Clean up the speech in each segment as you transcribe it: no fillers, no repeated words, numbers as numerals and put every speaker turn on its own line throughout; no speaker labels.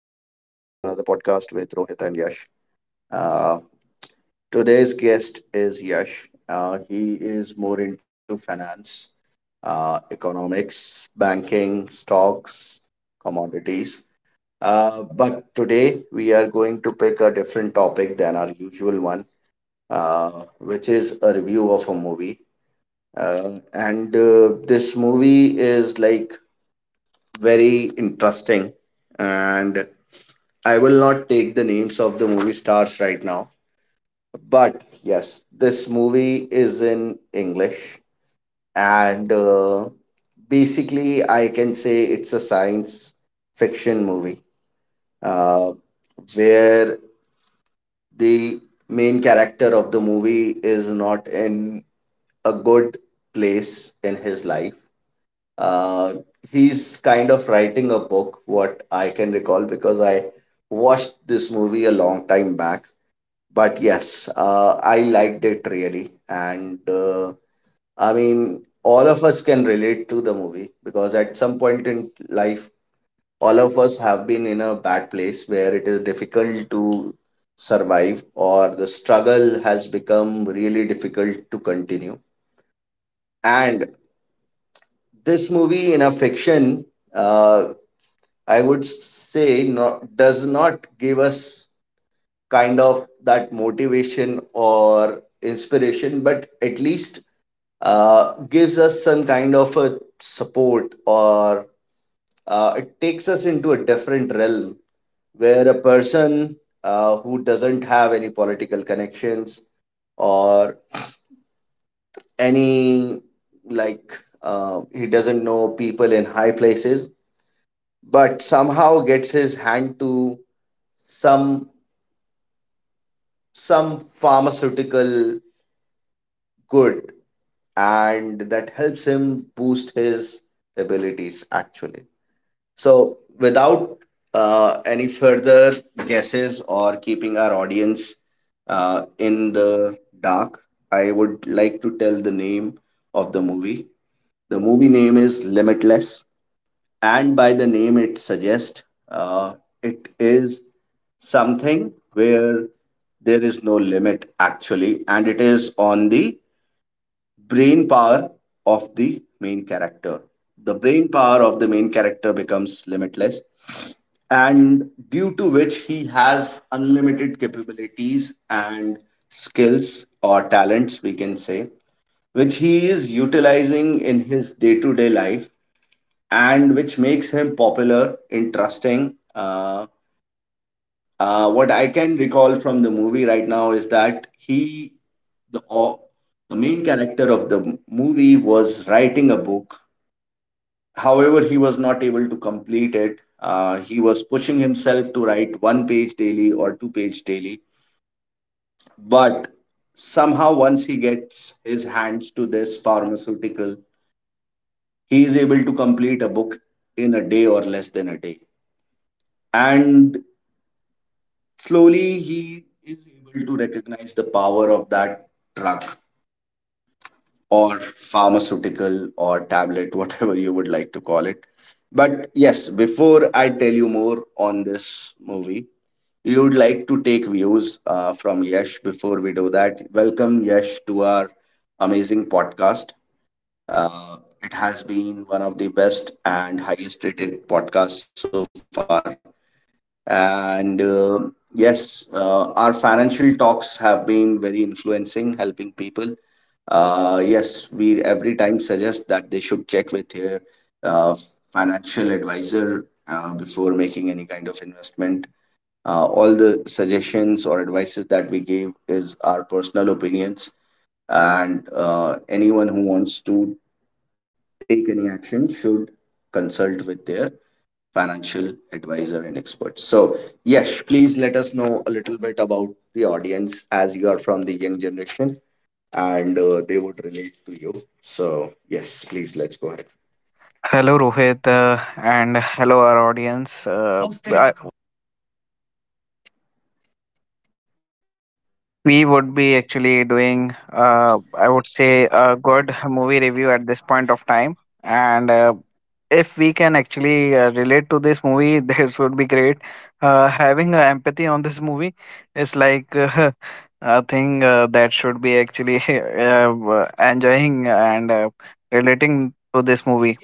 another podcast with Rohit and Yash. Uh, Today's guest is Yash. He is more into finance, economics, banking, stocks, commodities. But today we are going to pick a different topic than our usual one, uh, which is a review of a movie. And this movie is like very interesting, and I will not take the names of the movie stars right now, but yes, this movie is in English, and basically, I can say it's a science fiction movie uh, where the main character of the movie is not in a good place in his life. Uh, he's kind of writing a book, what I can recall, because I watched this movie a long time back. But yes, I liked it really. And I mean, all of us can relate to the movie because at some point in life, all of us have been in a bad place where it is difficult to survive or the struggle has become really difficult to continue. And this movie in a fiction, uh, I would say, not, does not give us kind of that motivation or inspiration, but at least gives us some kind of a support or it takes us into a different realm where a person who doesn't have any political connections or any like he doesn't know people in high places but somehow gets his hand to some some pharmaceutical good, and that helps him boost his abilities actually. So, without any further guesses or keeping our audience in the dark, I would like to tell the name of the movie. The movie name is Limitless, and by the name it suggests, uh, it is something where there is no limit actually, and it is on the brain power of the main character. The brain power of the main character becomes limitless, and due to which he has unlimited capabilities and skills or talents, we can say, which he is utilizing in his day to day life and which makes him popular, interesting, what I can recall from the movie right now is that the, au- the main character of the movie was writing a book. However, he was not able to complete it. He was pushing himself to write one page daily or two-page daily. But somehow, once he gets his hands to this pharmaceutical, he is able to complete a book in a day or less than a day. And slowly, he is able to recognize the power of that drug or pharmaceutical or tablet, whatever you would like to call it. But yes, before I tell you more on this movie, you would like to take views from Yash before we do that. Welcome, Yash, to our amazing podcast. Uh, it has been one of the best and highest rated podcasts so far. And yes, our financial talks have been very influencing, helping people. Yes, we every time suggest that they should check with their uh, financial advisor before making any kind of investment. All the suggestions or advices that we gave is our personal opinions, and anyone who wants to take any action should consult with their financial advisor and expert. So, Yash, please let us know a little bit about the audience as you are from the young generation, and they would relate to you. So, yes, please let's go ahead.
Hello, Rohit, and hello, our audience. I- we would be actually doing,
Yes.
I would say, a good movie review at this point of time. And If we can actually relate to this movie, this would be great. Having empathy on this movie is like a thing that should be actually enjoying and relating to this movie.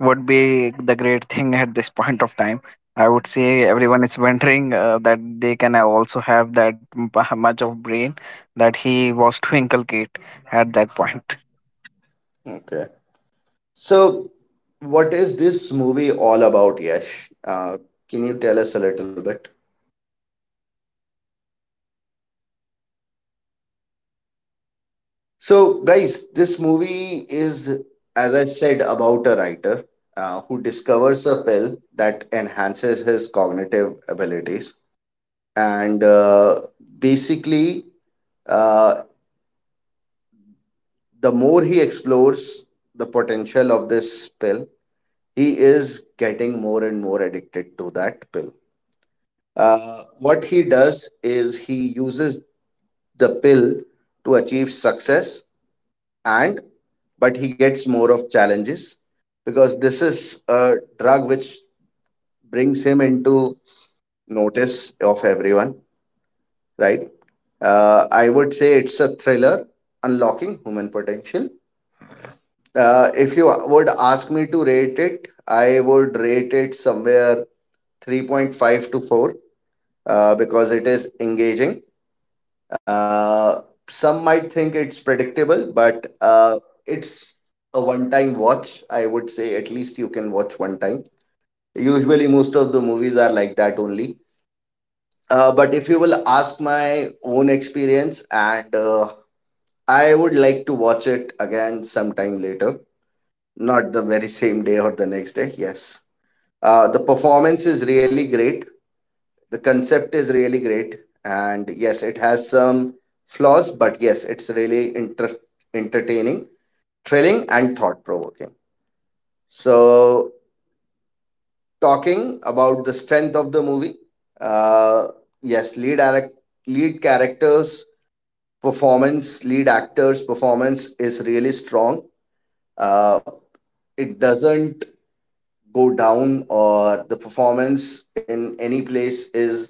Would be the great thing at this point of time. I would say everyone is wondering that they can also have that much of brain that he was to inculcate at that point.
Okay. So, what is this movie all about, Yash? Can you tell us a little bit? So, guys, this movie is, as I said, about a writer who discovers a pill that enhances his cognitive abilities. And basically, uh, the more he explores the potential of this pill, he is getting more and more addicted to that pill. What he does is he uses the pill to achieve success, and but he gets more of challenges because this is a drug which brings him into notice of everyone, right. I would say it's a thriller unlocking human potential. If you would ask me to rate it, I would rate it somewhere 3.5 to 4, because it is engaging. Uh, some might think it's predictable, but it's a one time watch. I would say at least you can watch one time. Usually, most of the movies are like that only. But if you will ask my own experience, and I would like to watch it again sometime later, not the very same day or the next day. Yes. The performance is really great. The concept is really great. And yes, it has some flaws, but yes, it's really entertaining, thrilling, and thought provoking. So, talking about the strength of the movie, uh, yes, lead characters' performance, lead actors' performance is really strong. Uh, it doesn't go down, or the performance in any place is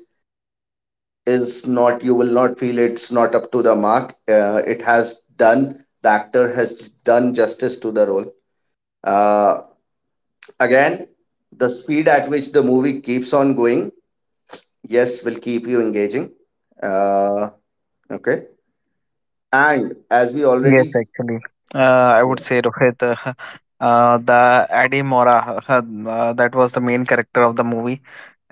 is not, you will not feel it's not up to the mark. Uh, it has done the actor has done justice to the role. Uh, again the speed at which the movie keeps on going, yes, will keep you engaging. uh, okay. And as we
Yes,
already…
actually, I would
Yeah,
say Rohit, the Adi Mora, that was the main character of the movie.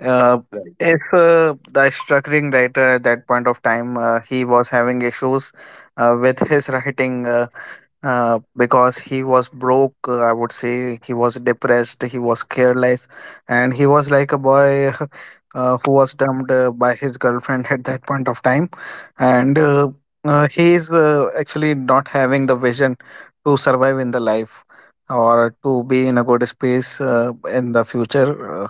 Uh,
right,
if The struggling writer at that point of time, he was having issues with his writing because he was broke. I would say he was depressed, he was careless, and he was like a boy who was dumped by his girlfriend at that point of time, and. He is actually not having the vision to survive in the life or to be in a good space in the future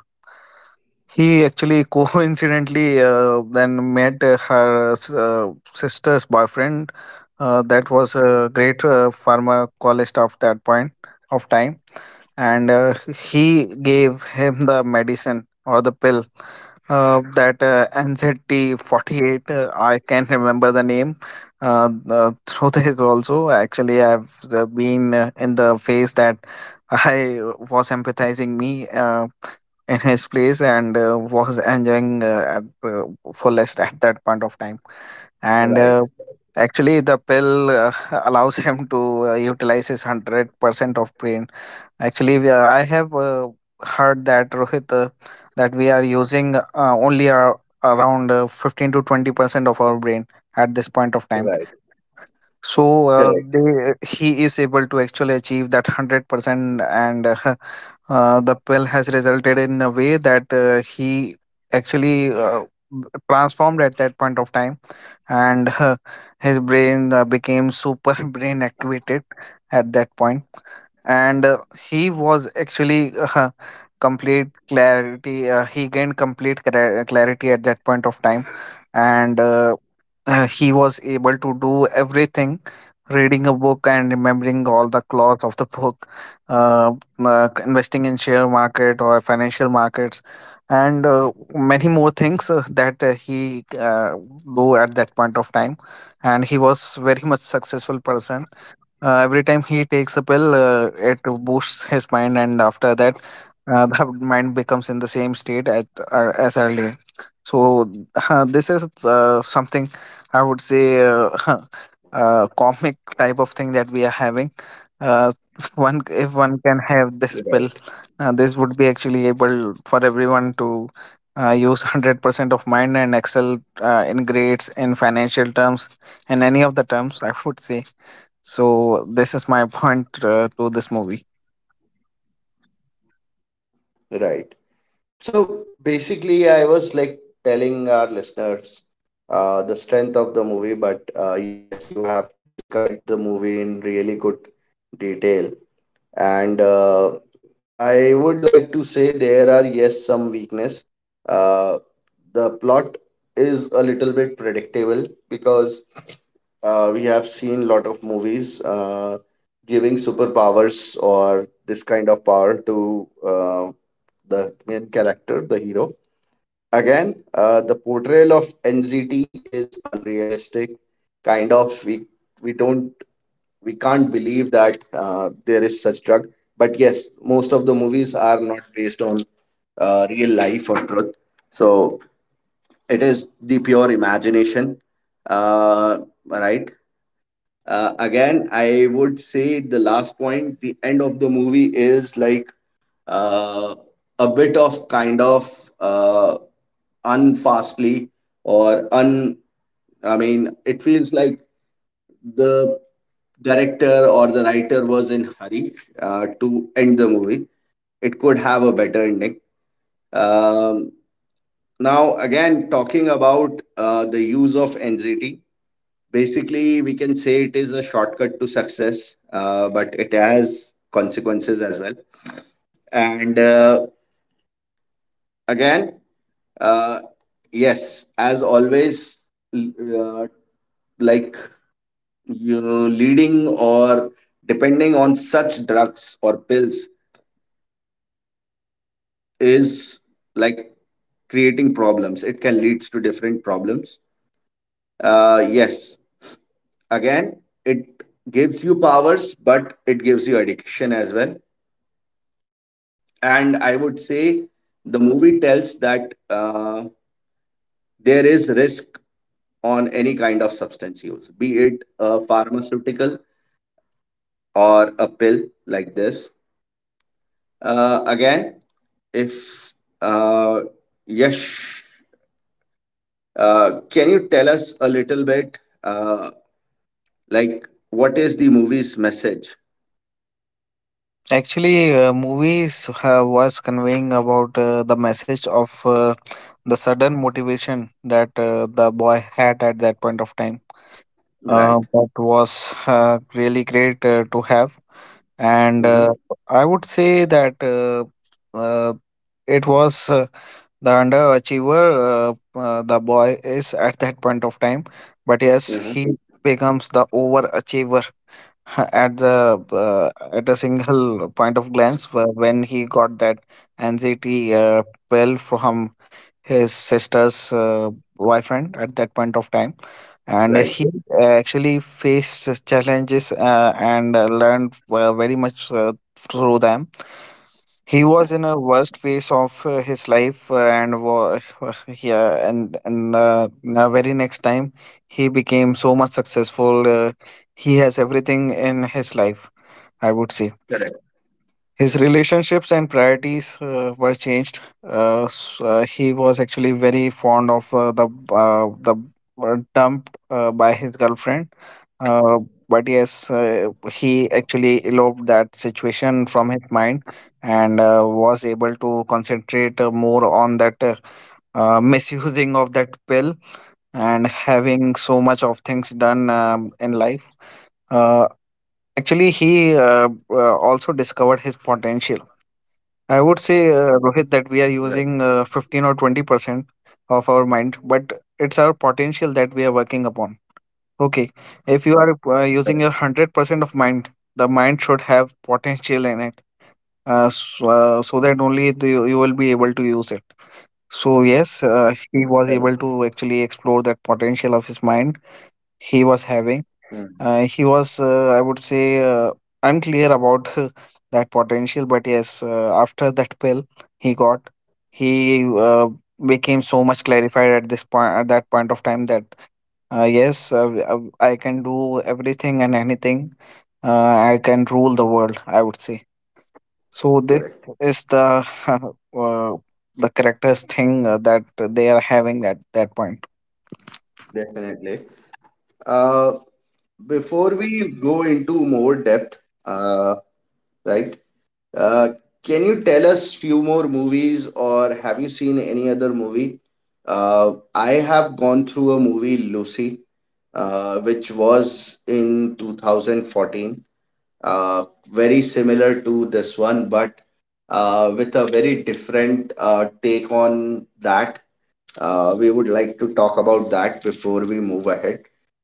he actually coincidentally then met sister's boyfriend that was a great pharmacologist of that point of time, and he gave him the medicine or the pill that NZT48. I can't remember the name. Through this also, actually, I've been in the phase that I was empathizing me in his place and was enjoying uh, fullest at that point of time. And
right,
Actually, the pill allows him to utilize his 100% of brain. Actually, I have heard that Rohit, that we are using only our, around 15 to 20% of our brain at this point of time.
right,
So he
correct,
is able to actually achieve that 100%, and the pill has resulted in a way that he actually transformed at that point of time and his brain became super brain activated at that point, and he was actually complete clarity he gained complete clarity at that point of time, and he was able to do everything, reading a book and remembering all the clause of the book, uh, investing in share market or financial markets and many more things that he do at that point of time, and he was very much successful person. Every time he takes a pill, it boosts his mind, and after that, the mind becomes in the same state at as earlier. So this is something I would say comic type of thing that we are having. Uh, one if one can have this pill,
right.
this would be actually able for everyone to use 100% of mind and excel in grades, in financial terms, in any of the terms, I would say. So this is my point to this movie.
Right. So basically, I was like telling our listeners the strength of the movie, but yes, you have described the movie in really good detail. And I would like to say there are, yes, some weakness. Uh, the plot is a little bit predictable because we have seen lot of movies giving superpowers or this kind of power to the main character, the hero. Again, the portrayal of NZT is unrealistic. Kind of, we don't we can't believe that there is such drug. But yes, most of the movies are not based on real life or truth. So it is the pure imagination, uh, right? Again, I would say the last point, the end of the movie is like uh, a bit of kind of unfastly or un. I mean, it feels like the director or the writer was in hurry to end the movie. It could have a better ending. um, Now, again, talking about the use of NZT, basically we can say it is a shortcut to success, but it has consequences as well. And uh, again uh, yes, as always, l- uh, like you know, leading or depending on such drugs or pills is like creating problems. It can lead to different problems. Yes, again, it gives you powers, but it gives you addiction as well. And I would say the movie tells that there is risk on any kind of substance use, be it a pharmaceutical or a pill like this. Again, If uh, yes, can you tell us a little bit, like what is the movie's message?
Actually, movies was conveying about the message of the sudden motivation that the boy had at that point of time. That
Right.
was really great to have, and
Mm-hmm.
I would say that uh, it was the underachiever the boy is at that point of time. But yes, he
Mm-hmm.
becomes the overachiever, at the uh, at a single point of glance when he got that anxiety pill from his sister's boyfriend at that point of time, and
Right.
he actually faced challenges and learned very much through them. He was in a worst phase of his life yeah and now very next time he became so much successful. He has everything in his life, I would say.
Correct.
His relationships and priorities were changed. He was actually very fond of the dumped by his girlfriend. Uh, but yes, he actually eloped that situation from his mind, and was able to concentrate more on that misusing of that pill and having so much of things done, in life. Uh, Actually, he also discovered his potential, I would say,
Right.
Rohit, that we are using 15 or 20% of our mind, but it's our potential that we are working upon. Okay, if you are using your 100% of mind, the mind should have potential in it, so that only you will be able to use it. So, yes, he was able to actually explore that potential of his mind he was having.
Mm.
He was, I would say, unclear about that potential, but yes, after that pill he got, he became so much clarified at that point of time that yes, I can do everything and anything. I can rule the world, I would say. So this
Correct.
is the uh, the characters thing that they are having at that point.
Definitely. Uh, Before we go into more depth, uh, right? Uh, can you tell us few more movies, or have you seen any other movie? I have gone through a movie Lucy, which was in 2014, uh, very similar to this one, but with a very different take on that. We would like to talk about that before we move ahead.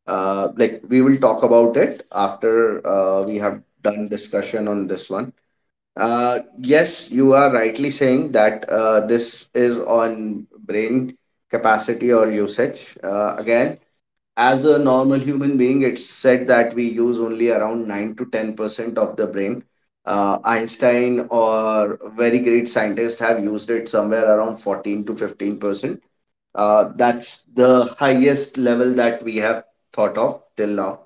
Like, we will talk about it after we have done discussion on this one. Yes, you are rightly saying that this is on brain capacity or usage. Again, as a normal human being, it's said that we use only around 9 to 10% of the brain. Einstein or very great scientists have used it somewhere around 14 to 15%. That's the highest level that we have thought of till now.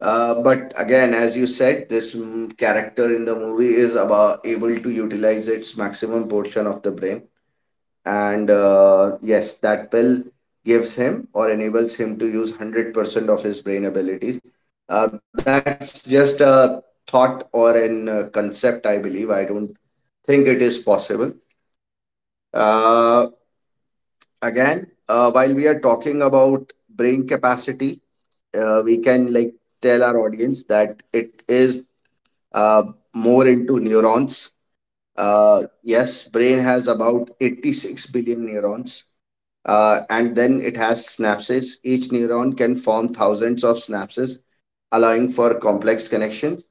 But again, as you said, this character in the movie is about able to utilize its maximum portion of the brain, and yes, that pill gives him or enables him to use 100% of his brain abilities. That's just a thought or an concept, I believe. I don't think it is possible. Uh, again, while we are talking about brain capacity, we can like tell our audience that it is uh, more into neurons. Yes, brain has about 86 billion neurons. And then it has synapses. Each neuron can form thousands of synapses, allowing for complex connections.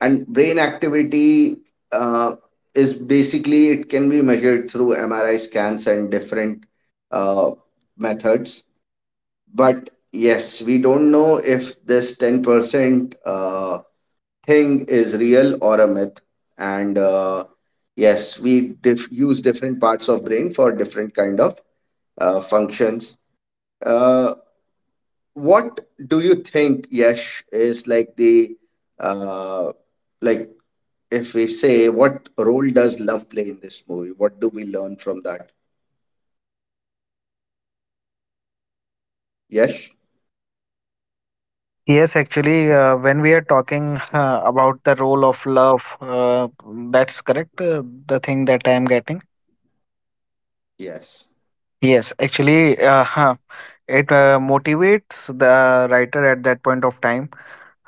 And brain activity uh, is basically it can be measured through MRI scans and different uh, methods. But yes, we don't know if this 10% thing is real or a myth and yes use different parts of brain for different kind of functions. uh, what do you think, Yesh? Is like the uh, like if we say, what role does love play in this movie? What do we learn from that, Yesh?
Yes, actually, when we are talking about the role of love, that's correct. The thing that I am getting.
Yes.
Yes, actually, it motivates the writer at that point of time,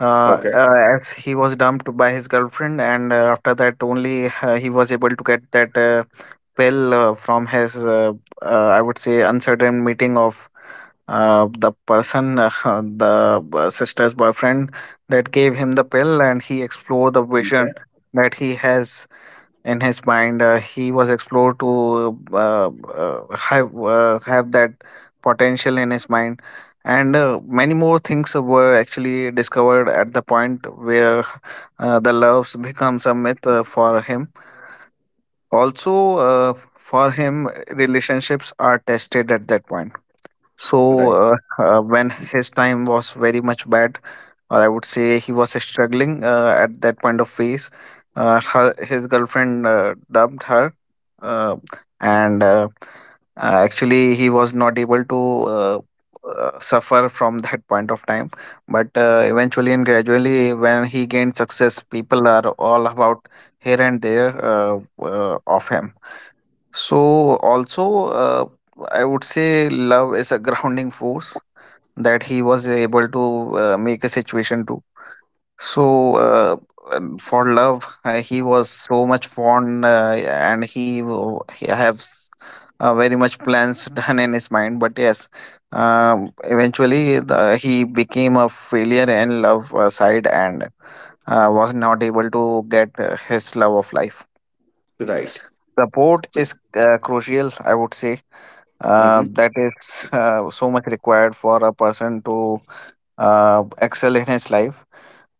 Okay.
as he was dumped by his girlfriend, and after that only he was able to get that pill from his, uh, I would say, uncertain meeting of the person, the sister's boyfriend, that gave him the pill, and he explored the vision
Okay.
that he has in his mind. He was explored to have that potential in his mind, and many more things were actually discovered at the point where the loves becomes a myth for him. Also, for him, relationships are tested at that point. So,
Right.
uh, when his time was very much bad, or I would say he was struggling at that point of phase. His girlfriend dumped her, uh, and actually he was not able to uh, suffer from that point of time. But eventually and gradually, when he gained success, people are all about here and there of him. So also, I would say love is a grounding force that he was able to make a situation to. so, uh, for love, he was so much fond, he has very much plans done in his mind. But yes, he became a failure in love side and was not able to get his love of life.
Right.
Support is crucial, I would say.
Hmm.
That is so much required for a person to excel in his life.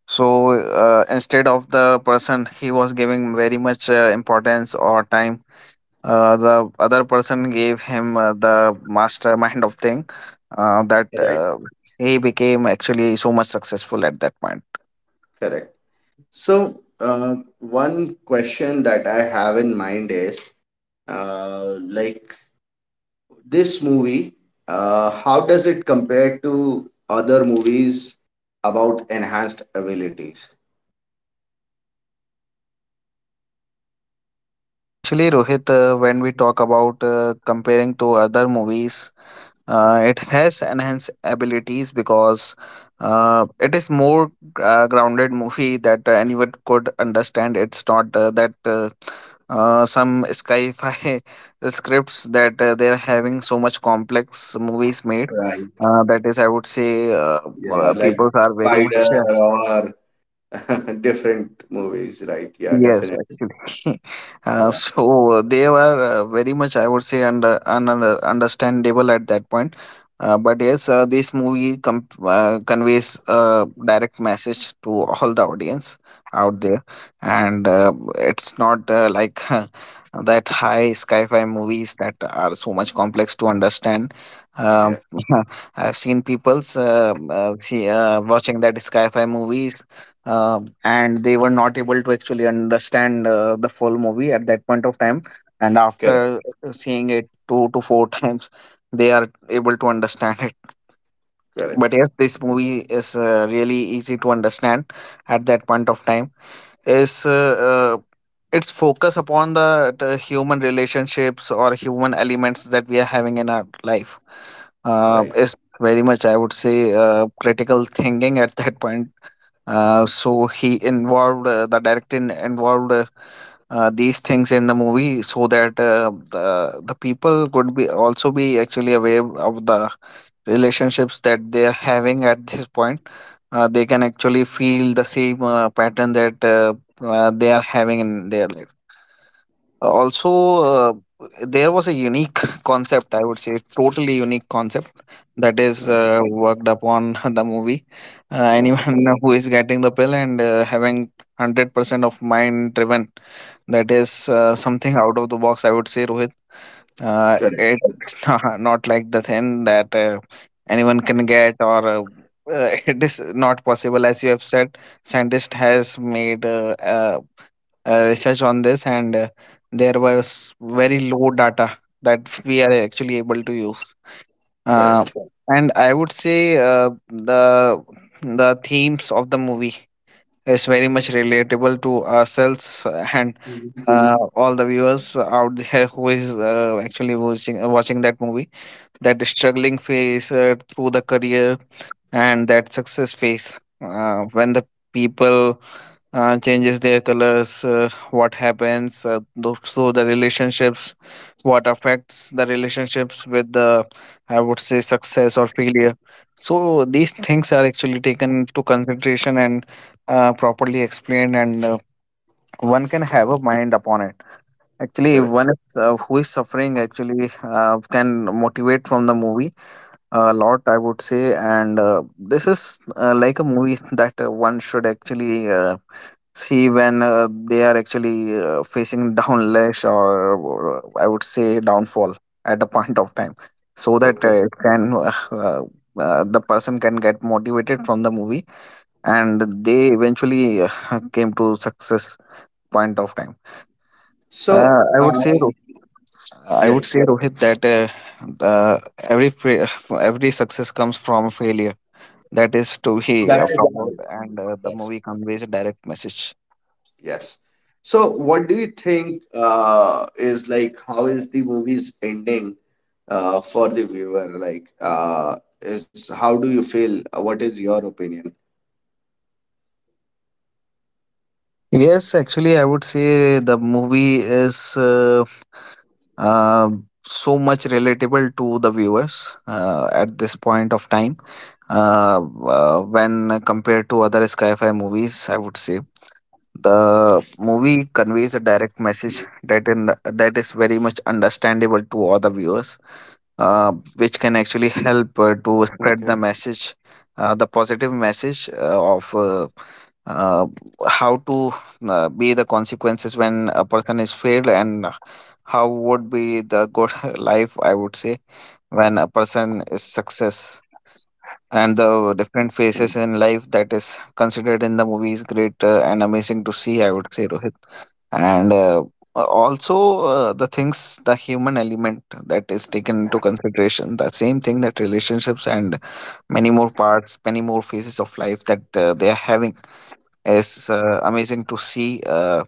So instead of the person he was giving very much importance or time, the other person gave him the mastermind of thing that
Right.
he became actually so much successful at that point.
Correct. So, one question that I have in mind is, like this movie, how does it compare to other movies about enhanced abilities?
Actually, Rohit, when we talk about comparing to other movies. It has enhanced abilities because it is more grounded movie that anyone could understand. It's not that some sci-fi scripts that they're having so much complex movies made.
Right.
That is, I would say,
Yeah, like
people are very much
Spider or different movies, right? Yeah,
yes,
definitely.
actually.
Yeah.
They were very much, I would say, understandable at that point. But yes, this movie conveys a direct message to all the audience out there, and it's not like that high sci-fi movies that are so much complex to understand.
Yeah.
Um, I've seen people's see watching that sci-fi movies, and they were not able to actually understand the full movie at that point of time, and
Correct.
after seeing it 2 to 4 times they are able to understand it.
Correct.
But yes, this movie is really easy to understand at that point of time. Is its focus upon the human relationships or human elements that we are having in our life
Right.
is very much, I would say, critical thinking at that point. So he involved, the director involved these things in the movie so that, the people could be also be actually aware of the relationships that they are having at this point. They can actually feel the same pattern that they are having in their life also. uh, there was a unique concept, I would say, totally unique concept that is worked upon the movie. Anyone who is getting the pill and having 100% of mind driven, that is something out of the box, I would say, Rohit. uh,
Correct.
it's not like the thing that anyone can get, or it is not possible. As you have said, scientist has made, a research on this, and there was very low data that we are actually able to use. uh,
Correct.
and I would say, the themes of the movie is very much relatable to ourselves, and
Mhm.
all the viewers out there who is actually watching that movie, that struggling phase through the career, and that success phase when the people changes their colors, what happens, so the relationships, what affects the relationships with the, I would say, success or failure. So these things are actually taken to consideration and properly explained, and one can have a mind upon it. Actually,
Correct.
one is, who is suffering, actually can motivate from the movie a lot, I would say, and this is like a movie that one should actually see when they are actually facing downlash, or, I would say, downfall at a point of time. So that
Okay.
it can the person can get motivated from the movie, and they eventually came to success point of time.
So,
I would say I
yeah,
would say Rohit that uh, every every success comes from failure. That is to be
that is
followed, and the
right.
movie conveys a direct message.
Yes. So, what do you think is like how is the movie's ending for the viewer? Like, is how do you feel? What is your opinion?
Yes, actually, I would say the movie is uh, so much relatable to the viewers at this point of time. Uh, when compared to other sci-fi movies, I would say the
Mm.
movie conveys a direct message, that in that is very much understandable to all the viewers, uh,
Okay.
which can actually help to spread the message, the positive message of uh, how to be the consequences when a person is failed, and how would be the good life, I would say, when a person is success, and the
Mm.
different phases in life that is considered in the movie is great and amazing to see, I would say, Rohit, and also the things, the human element, that is taken into consideration, the same thing, that relationships and many more parts, many more phases of life that they are having, is amazing to see. uh,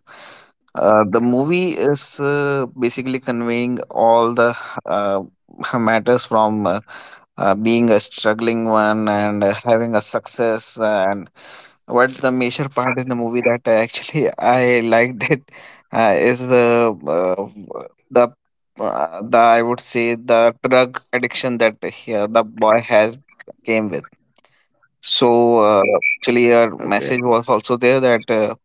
uh, The movie is basically conveying all the, uh, matters from being a struggling one and having a success. And what's the major part in the movie that I actually I liked it, is the the, I would say, the drug addiction that he, the boy, has came with. So
Okay.
actually, your message was also there that,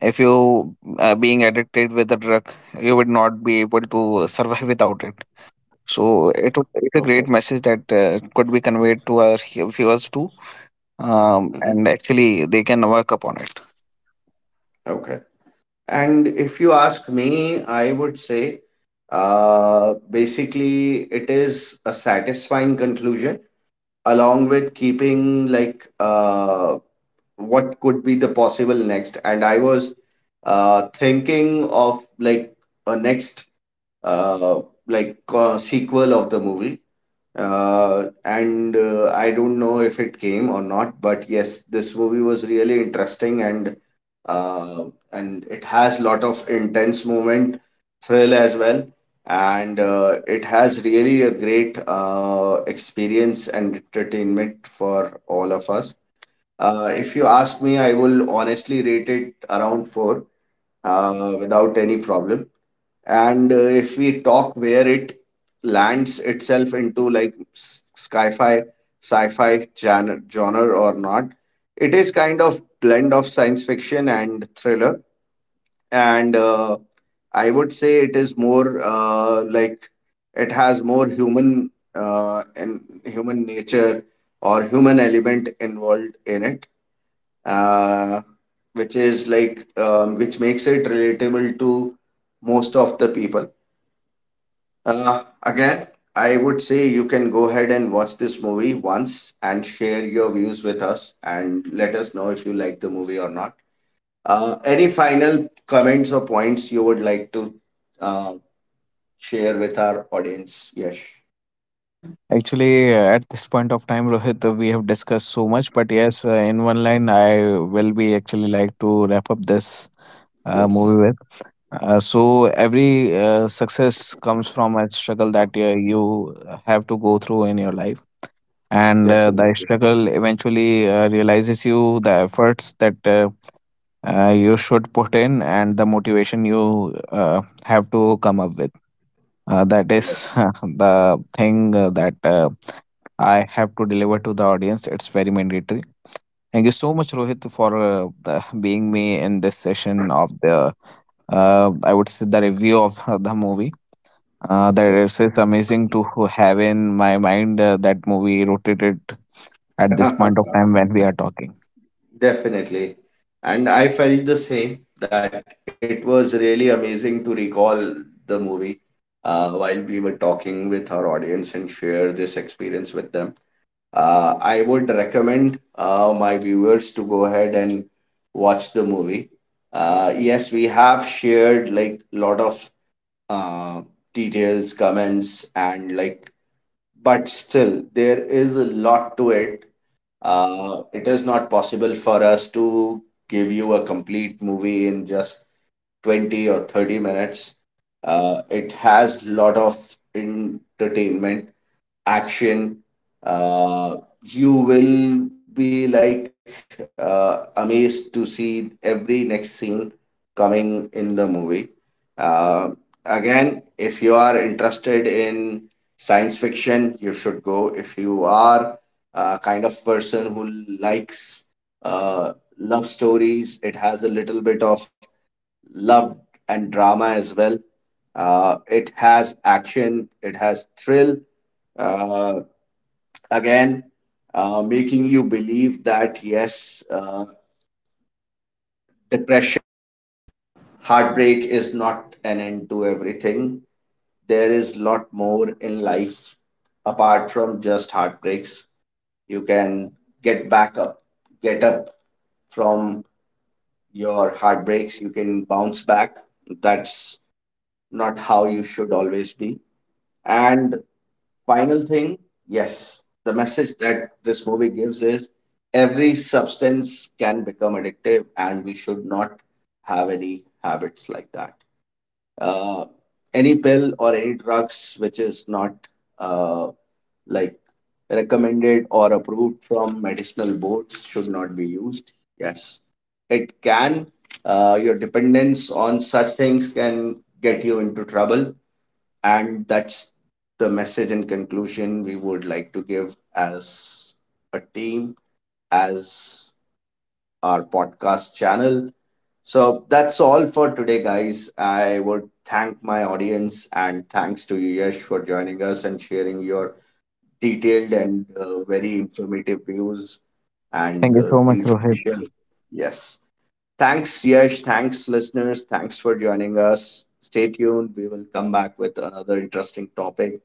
if you are being addicted with the drug, you would not be able to survive without it. So it was,
Okay.
it's a great message that could be conveyed to our viewers too,
Hmm.
and actually they can work upon it.
Okay. And if you ask me, I would say basically it is a satisfying conclusion along with keeping like what could be the possible next. And I was thinking of like a next uh like sequel of the movie and I don't know if it came or not, but yes, this movie was really interesting. And uh and it has lot of intense moment, thrill as well. And It has really a great experience and entertainment for all of us. If you ask me, I will honestly rate it around four without any problem. And If we talk where it lands itself into like sci-fi, sci-fi genre or not, it is kind of blend of science fiction and thriller. And I would say it is more like it has more human and human nature or human element involved in it, uh, which is like which makes it relatable to most of the people. Again, I would say you can go ahead and watch this movie once and share your views with us and let us know if you like the movie or not. Any final comments or points you would like to uh, share with our audience? Yes.
Actually, at this point of time, Rohit, we have discussed so much, but yes, in one line, I will be actually like to wrap up this
Yes.
movie with. So, every success comes from a struggle that you have to go through in your life, and the
Definitely.
struggle eventually realizes you the efforts that you should put in, and the motivation you have to come up with. That is the thing that I have to deliver to the audience. It's very mandatory. Thank you so much, Rohit, for being me in this session of the, I would say, the review of the movie. That is, it's amazing to have in my mind that movie rotated at this point of
Okay.
time when we are talking.
Definitely. And I felt the same, that it was really amazing to recall the movie while we were talking with our audience and share this experience with them. I would recommend my viewers to go ahead and watch the movie. Yes, we have shared like a lot of uh, details, comments, and like, but still, there is a lot to it. It is not possible for us to give you a complete movie in just 20 or 30 minutes. It has lot of entertainment, action. Uh, you will be like amazed to see every next scene coming in the movie. Uh, Again, if you are interested in science fiction, you should go. If you are a kind of person who likes uh, love stories, it has a little bit of love and drama as well. It has action, it has thrill, uh, again, making you believe that yes, depression, heartbreak is not an end to everything. There is lot more in life apart from just heartbreaks. You can get back up, get up from your heartbreaks. You can bounce back. That's not how you should always be. And final thing, yes, the message that this movie gives is every substance can become addictive, and we should not have any habits like that. Uh, any pill or any drugs which is not uh, like recommended or approved from medicinal boards should not be used. Yes, it can. Your dependence on such things can get you into trouble, and that's the message and conclusion we would like to give as a team, as our podcast channel. So that's all for today, guys. I would thank my audience and thanks to you, Yash, for joining us and sharing your detailed and very informative views and
Thank you
uh,
so much, Rohit.
information. Yes. Thanks, Yash. Thanks, listeners. Thanks for joining us. Stay tuned. We will come back with another interesting topic.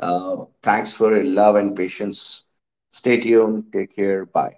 Thanks for your love and patience. Stay tuned. Take care. Bye.